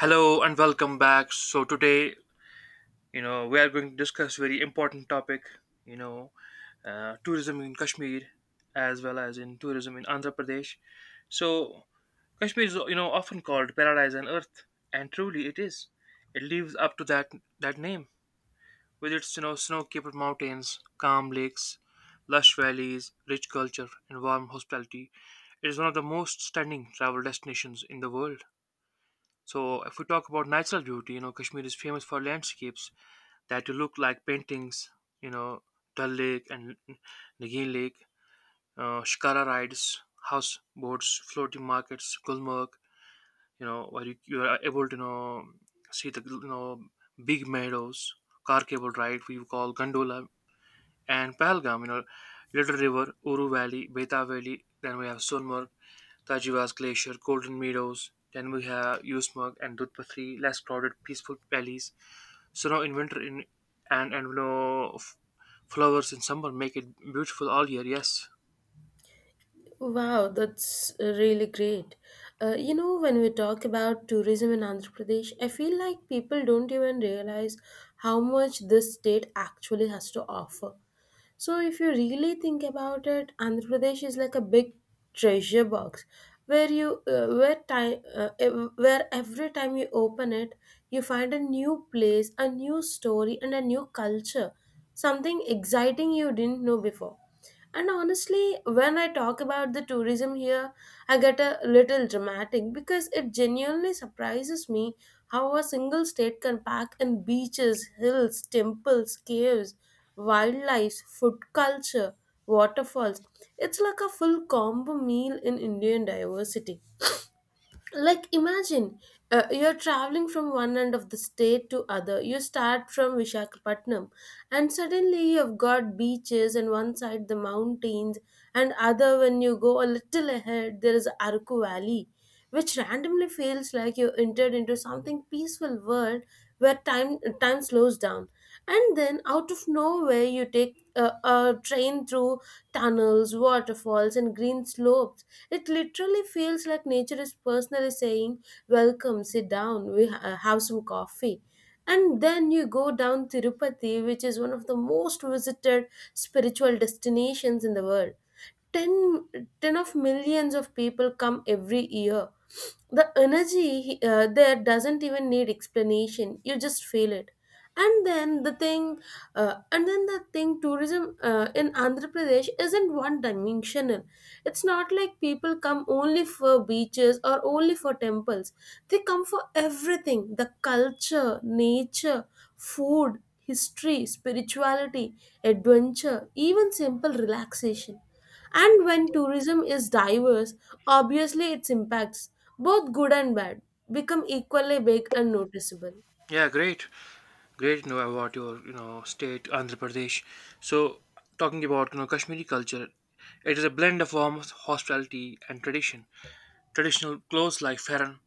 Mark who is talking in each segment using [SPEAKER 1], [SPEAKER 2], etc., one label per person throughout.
[SPEAKER 1] Hello and welcome back. So today, we are going to discuss very important topic. You know, tourism in Kashmir, as well as in tourism in Andhra Pradesh. So Kashmir is, often called paradise on earth, and truly it is. It lives up to that name with its, snow-capped mountains, calm lakes, lush valleys, rich culture, and warm hospitality. It is one of the most stunning travel destinations in the world. So if we talk about natural beauty, Kashmir is famous for landscapes that look like paintings, you know, Dal Lake and Nagin Lake, Shikara rides, houseboats, floating markets, Gulmarg, where you are able to see the big meadows, car cable ride, we call gondola, and Pahalgam, Little River, Uru Valley, Beta Valley. Then we have Sonmarg, Tajivas Glacier, Golden Meadows. Then we have Usmug and Dudpatri, less crowded, peaceful valleys. So now in winter, in and you know f- flowers in summer make it beautiful all year. Yes,
[SPEAKER 2] Wow, that's really great. When we talk about tourism in Andhra Pradesh, I feel like people don't even realize how much this state actually has to offer. So, if you really think about it, Andhra Pradesh is like a big treasure box where you where time ev- where every time you open it, you find a new place, a new story, and a new culture, something exciting you didn't know before. And honestly, when I talk about the tourism here, I get a little dramatic because it genuinely surprises me how a single state can pack in beaches, hills, temples, caves, wildlife, food culture, waterfalls. It's like a full combo meal in Indian diversity, like imagine you're traveling from one end of the state to other. You start from Vishakhapatnam, and suddenly you've got beaches and one side the mountains, and other when you go a little ahead there is Araku Valley, which randomly feels like you entered into something peaceful world where time slows down. And then out of nowhere you take a train through tunnels, waterfalls, and green slopes. It literally feels like nature is personally saying, "Welcome, sit down, have some coffee." And then you go down Tirupati, which is one of the most visited spiritual destinations in the world. Ten of millions of people come every year. The energy there doesn't even need explanation, you just feel it. And then the thing uh, and then the thing, tourism in Andhra Pradesh isn't one dimensional. It's not like people come only for beaches or only for temples, they come for everything: the culture, nature, food, history, spirituality, adventure, even simple relaxation. And when tourism is diverse, obviously its impacts, both good and bad, become equally big and noticeable.
[SPEAKER 1] yeah, great, great. You know about your state Andhra Pradesh. So talking about Kashmiri culture, it is a blend of warmth, hospitality, and tradition. Traditional clothes like farran.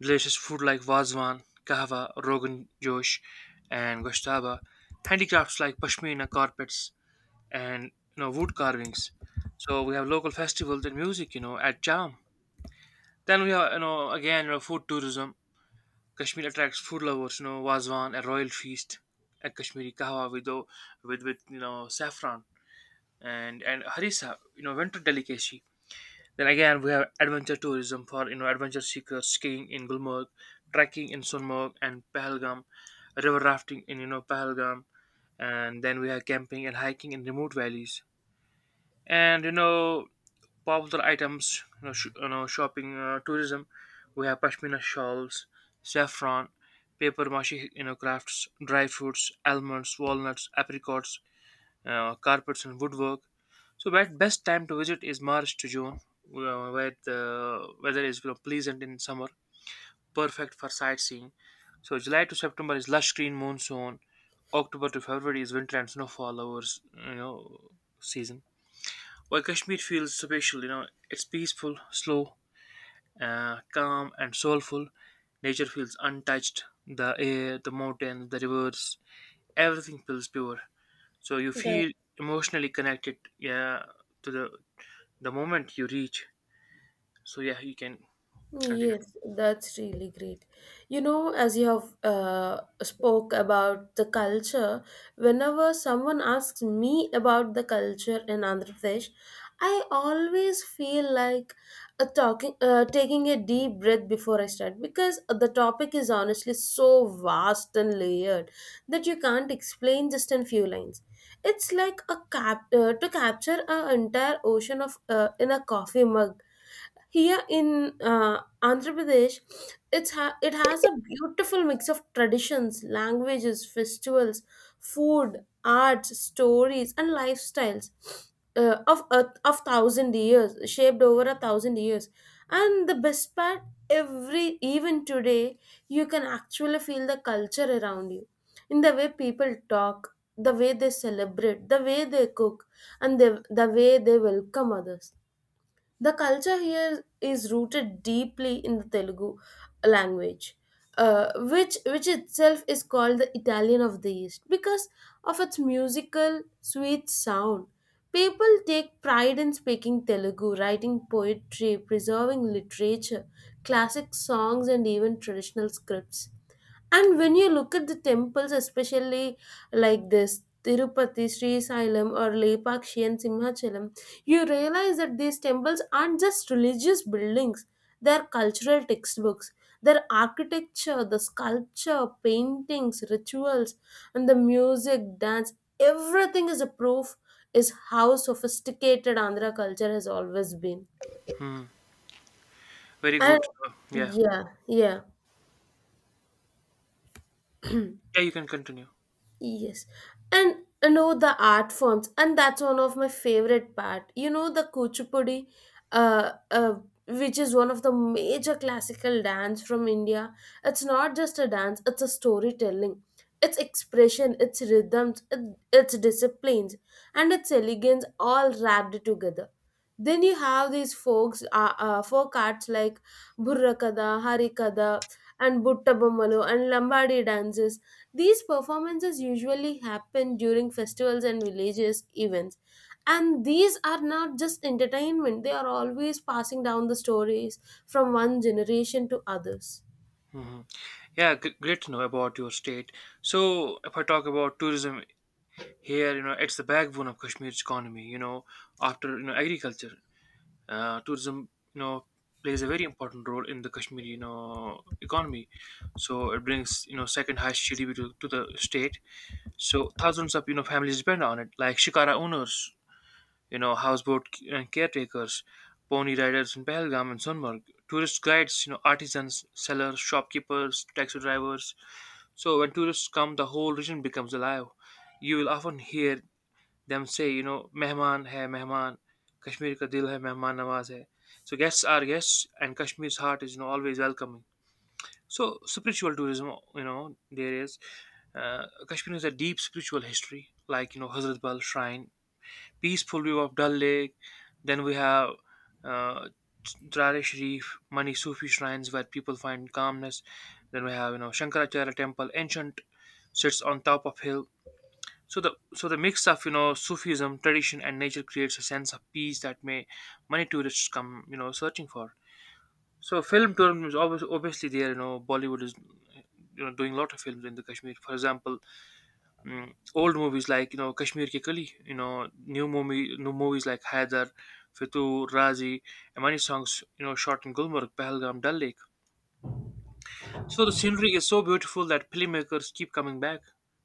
[SPEAKER 1] Delicious food like Vazwan, Kahwa, Rogan Josh, and Goshtaba. Handicrafts like Pashmina carpets and wood carvings. So we have local festivals and music, at Jam. Then we have, again, food tourism. Kashmir attracts food lovers, wazwan, a royal feast, a Kashmiri kahwa with saffron and harissa, winter delicacy. Then again, we have adventure tourism for adventure seekers, skiing in Gulmarg, trekking in Sunmarg and Pahalgam, river rafting in Pahalgam, and then we have camping and hiking in remote valleys. And popular items, shopping, tourism. We have pashmina shawls, saffron, paper mache crafts, dry fruits, almonds, walnuts, apricots, carpets and woodwork. So best time to visit is March to June, where the weather is pleasant in summer, perfect for sightseeing. So July to September is lush green monsoon. October to February is winter and snowfall hours, season. While Kashmir feels special, it's peaceful, slow, calm, and soulful. Nature feels untouched. The air, the mountains, the rivers, everything feels pure, so you
[SPEAKER 2] Good.
[SPEAKER 1] feel emotionally connected, yeah, to the moment you reach. So, yeah, you can continue.
[SPEAKER 2] Yes, that's really great. You know, as you have spoke about the culture, whenever someone asks me about the culture in Andhra Pradesh, I always feel like taking a deep breath before I start, because the topic is honestly so vast and layered that you can't explain just in few lines. It's like a cap to capture an entire ocean of in a coffee mug. Here in Andhra Pradesh, it has a beautiful mix of traditions, languages, festivals, food, arts, stories, and lifestyles of thousand years, shaped over a thousand years. And the best part, every even today, you can actually feel the culture around you, in the way people talk, the way they celebrate, the way they cook, and the way they welcome others. The culture here is rooted deeply in the Telugu language, uh, which itself is called the Italian of the East because of its musical sweet sound. People take pride in speaking Telugu, writing poetry, preserving literature, classic songs, and even traditional scripts. And when you look at the temples, especially like this Tirupati, Sri Sailam, or Lepakshi and Simhachalam, you realize that these temples aren't just religious buildings, they're cultural textbooks. Their architecture, the sculpture, paintings, rituals, and the music, dance, everything is a proof is how sophisticated Andhra culture has always been.
[SPEAKER 1] Hmm. Very
[SPEAKER 2] And
[SPEAKER 1] good. So, yeah,
[SPEAKER 2] yeah, yeah.
[SPEAKER 1] yeah, you can continue.
[SPEAKER 2] Yes. And you know the art forms, and that's one of my favorite part. You know the kuchipudi, uh, uh, which is one of the major classical dance from India. It's not just a dance; it's a storytelling. Its expression, its rhythms, its disciplines, and its elegance all wrapped together. Then you have these folk arts like Burrakada, Harikada, and Buttabamalu and Lambadi dances. These performances usually happen during festivals and villages events. And these are not just entertainment, they are always passing down the stories from one generation to others.
[SPEAKER 1] Hmm, yeah, great to know about your state. So if I talk about tourism here, it's the backbone of Kashmir's economy after agriculture. Tourism plays a very important role in the Kashmiri economy. So it brings second highest GDP to the state. So thousands of families depend on it, like shikara owners, houseboat caretakers, pony riders in Pahalgam and Sunmarg, tourist guides, artisans, sellers, shopkeepers, taxi drivers. So when tourists come, the whole region becomes alive. You will often hear them say, mehman hai mehman, Kashmir ka dil hai mehman nawaz hai. So guests are guests, and Kashmir's heart is always welcoming. So spiritual tourism, there is Kashmir has a deep spiritual history, like Hazrat Bal Shrine, peaceful view of Dal Lake. Then we have uh, Trare Sharif, Mani Sufi shrines where people find calmness. Then we have Shankaracharya Temple, ancient, sits on top of hill. So the mix of Sufism, tradition, and nature creates a sense of peace that may many tourists come searching for. So film tourism is always obviously there. Bollywood is doing a lot of films in the Kashmir. For example, old movies like Kashmir Ke Kali, new movies like Haidar, Fitu, Razi, and many songs shot in Gulmarg, Pahalgam, Dal Lake. So the scenery is so beautiful that filmmakers keep coming back.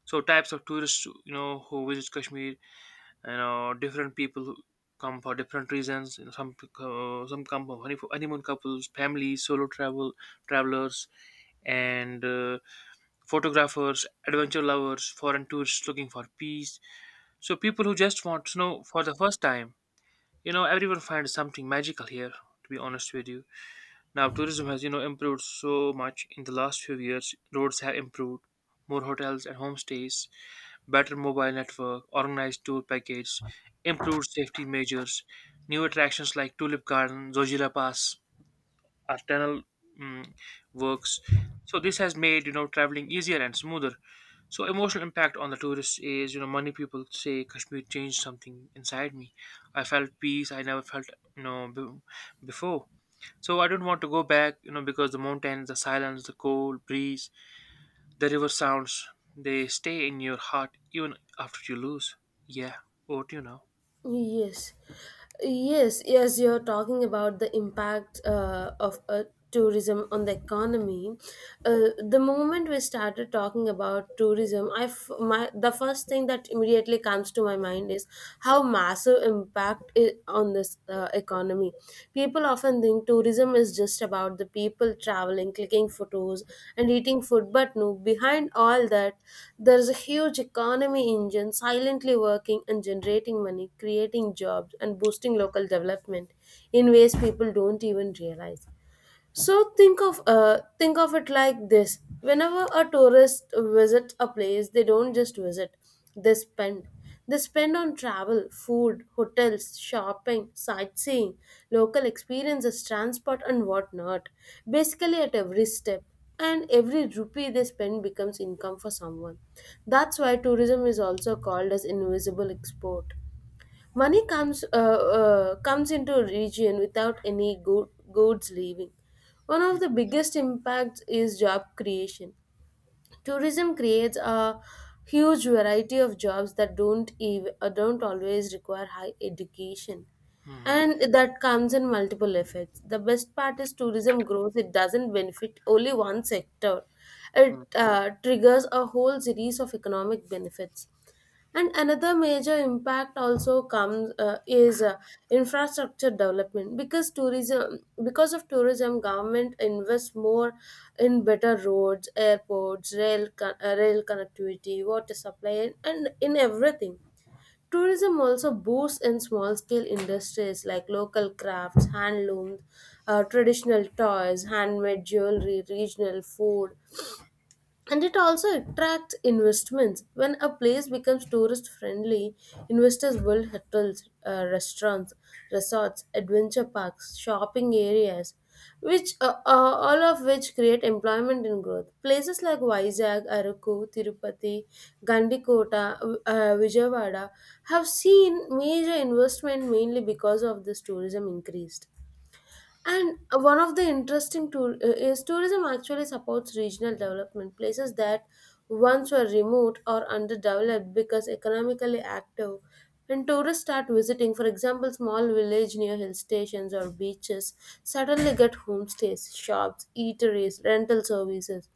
[SPEAKER 1] So types of tourists who visit Kashmir, different people who come for different reasons. Some come for honeymoon couples, families, solo travelers, and photographers, adventure lovers, foreign tourists looking for peace. So people who just want snow for the first time, everyone finds something magical here. To be honest with you, now tourism has improved so much in the last few years. Roads have improved, more hotels and homestays, better mobile network, organized tour packages, improved safety measures, new attractions like Tulip Garden, Zojira Pass, or tunnel mm, works. So this has made traveling easier and smoother. So emotional impact on the tourists is, many people say Kashmir changed something inside me. I felt peace I never felt, you know, b- before. So I don't want to go back, because the mountains, the silence, the cold breeze, the river sounds, they stay in your heart even after you lose. Yeah, over to you now.
[SPEAKER 2] Yes, yes. You're talking about the impact of tourism on the economy. The moment we started talking about tourism, my the first thing that immediately comes to my mind is how massive impact it on this economy. People often think tourism is just about the people traveling, clicking photos, and eating food, but no, behind all that, there is a huge economy engine silently working and generating money, creating jobs, and boosting local development in ways people don't even realize. So think of it like this: whenever a tourist visits a place, they don't just visit; they spend. They spend on travel, food, hotels, shopping, sightseeing, local experiences, transport, and whatnot. Basically, at every step and every rupee they spend becomes income for someone. That's why tourism is also called as invisible export. Money comes into a region without any goods leaving. One of the biggest impacts is job creation. Tourism creates a huge variety of jobs that don't always require high education,
[SPEAKER 1] Hmm.
[SPEAKER 2] and that comes in multiple effects. The best part is tourism grows; it doesn't benefit only one sector. It triggers a whole series of economic benefits. And another major impact also comes is infrastructure development because tourism because of tourism, government invests more in better roads, airports, rail connectivity, water supply, and in everything. Tourism also boosts in small scale industries like local crafts, handlooms, traditional toys, handmade jewelry, regional food, and it also attracts investments. When a place becomes tourist friendly, investors build hotels, restaurants, resorts, adventure parks, shopping areas, which all of which create employment and growth. Places like Vizag, Araku, Tirupati, Gandikota, Vijayawada have seen major investment mainly because of this tourism increased. And one of the interesting tool is tourism actually supports regional development. Places that once were remote or underdeveloped because economically active. When tourists start visiting, for example, small village near hill stations or beaches, suddenly get homestays, shops, eateries, rental services.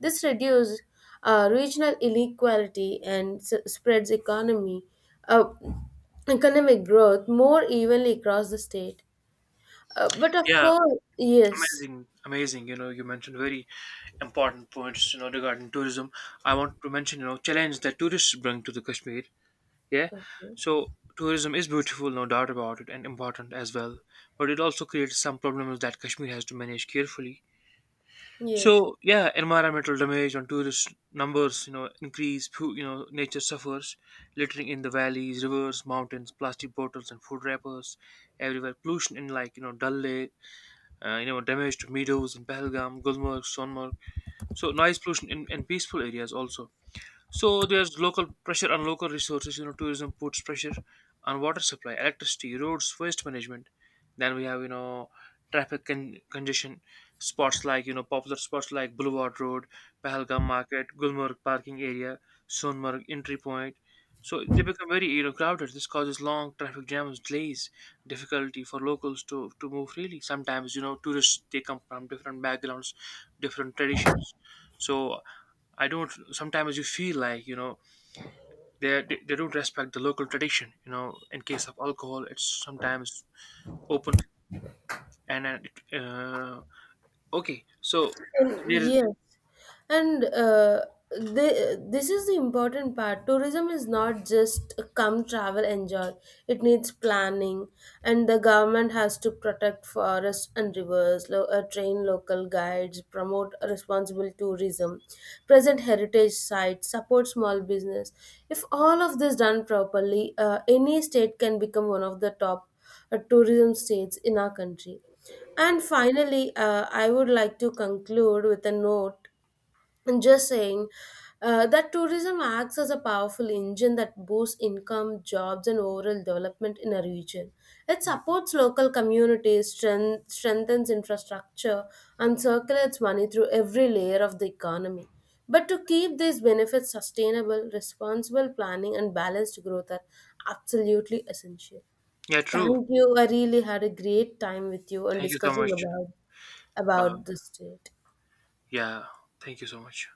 [SPEAKER 2] This reduces regional inequality and spreads economy, uh, economic growth more evenly across the state. But of
[SPEAKER 1] Yeah,
[SPEAKER 2] course, yes.
[SPEAKER 1] amazing, amazing. You mentioned very important points, regarding tourism. I want to mention, challenge that tourists bring to the Kashmir. Yeah.
[SPEAKER 2] Okay.
[SPEAKER 1] So tourism is beautiful, no doubt about it, and important as well, but it also creates some problems that Kashmir has to manage carefully.
[SPEAKER 2] Yes.
[SPEAKER 1] So, yeah, environmental damage on tourist numbers increase. Nature suffers. Littering in the valleys, rivers, mountains, plastic bottles and food wrappers everywhere. Pollution in Dal Lake. Damage to meadows in Pahalgam, Gulmarg, Sonmarg. So noise pollution in peaceful areas also. So there's local pressure on local resources. Tourism puts pressure on water supply, electricity, roads, waste management. Then we have traffic congestion. Spots like you know popular spots like Boulevard Road, Pahalgam Market, Gulmarg parking area, Sonmarg entry point. So they become very crowded. This causes long traffic jams, delays, difficulty for locals to move freely. Sometimes tourists they come from different backgrounds, different traditions. So I don't. Sometimes you feel like they don't respect the local tradition. In case of alcohol, it's sometimes open, and then it, okay. So
[SPEAKER 2] And
[SPEAKER 1] there is.
[SPEAKER 2] yes, and this is the important part. Tourism is not just come travel enjoy. It needs planning, and the government has to protect forests and rivers, train local guides, promote responsible tourism, present heritage sites, support small business. If all of this done properly, any state can become one of the top tourism states in our country. And finally, I would like to conclude with a note and just saying that tourism acts as a powerful engine that boosts income, jobs, and overall development in a region. It supports local communities, strengthens infrastructure, and circulates money through every layer of the economy. But to keep these benefits sustainable, responsible planning and balanced growth are absolutely essential.
[SPEAKER 1] Yeah, true.
[SPEAKER 2] Thank you. I really had a great time with you and
[SPEAKER 1] Thank you so
[SPEAKER 2] discussing
[SPEAKER 1] much. But
[SPEAKER 2] about this state.
[SPEAKER 1] yeah, thank you so much.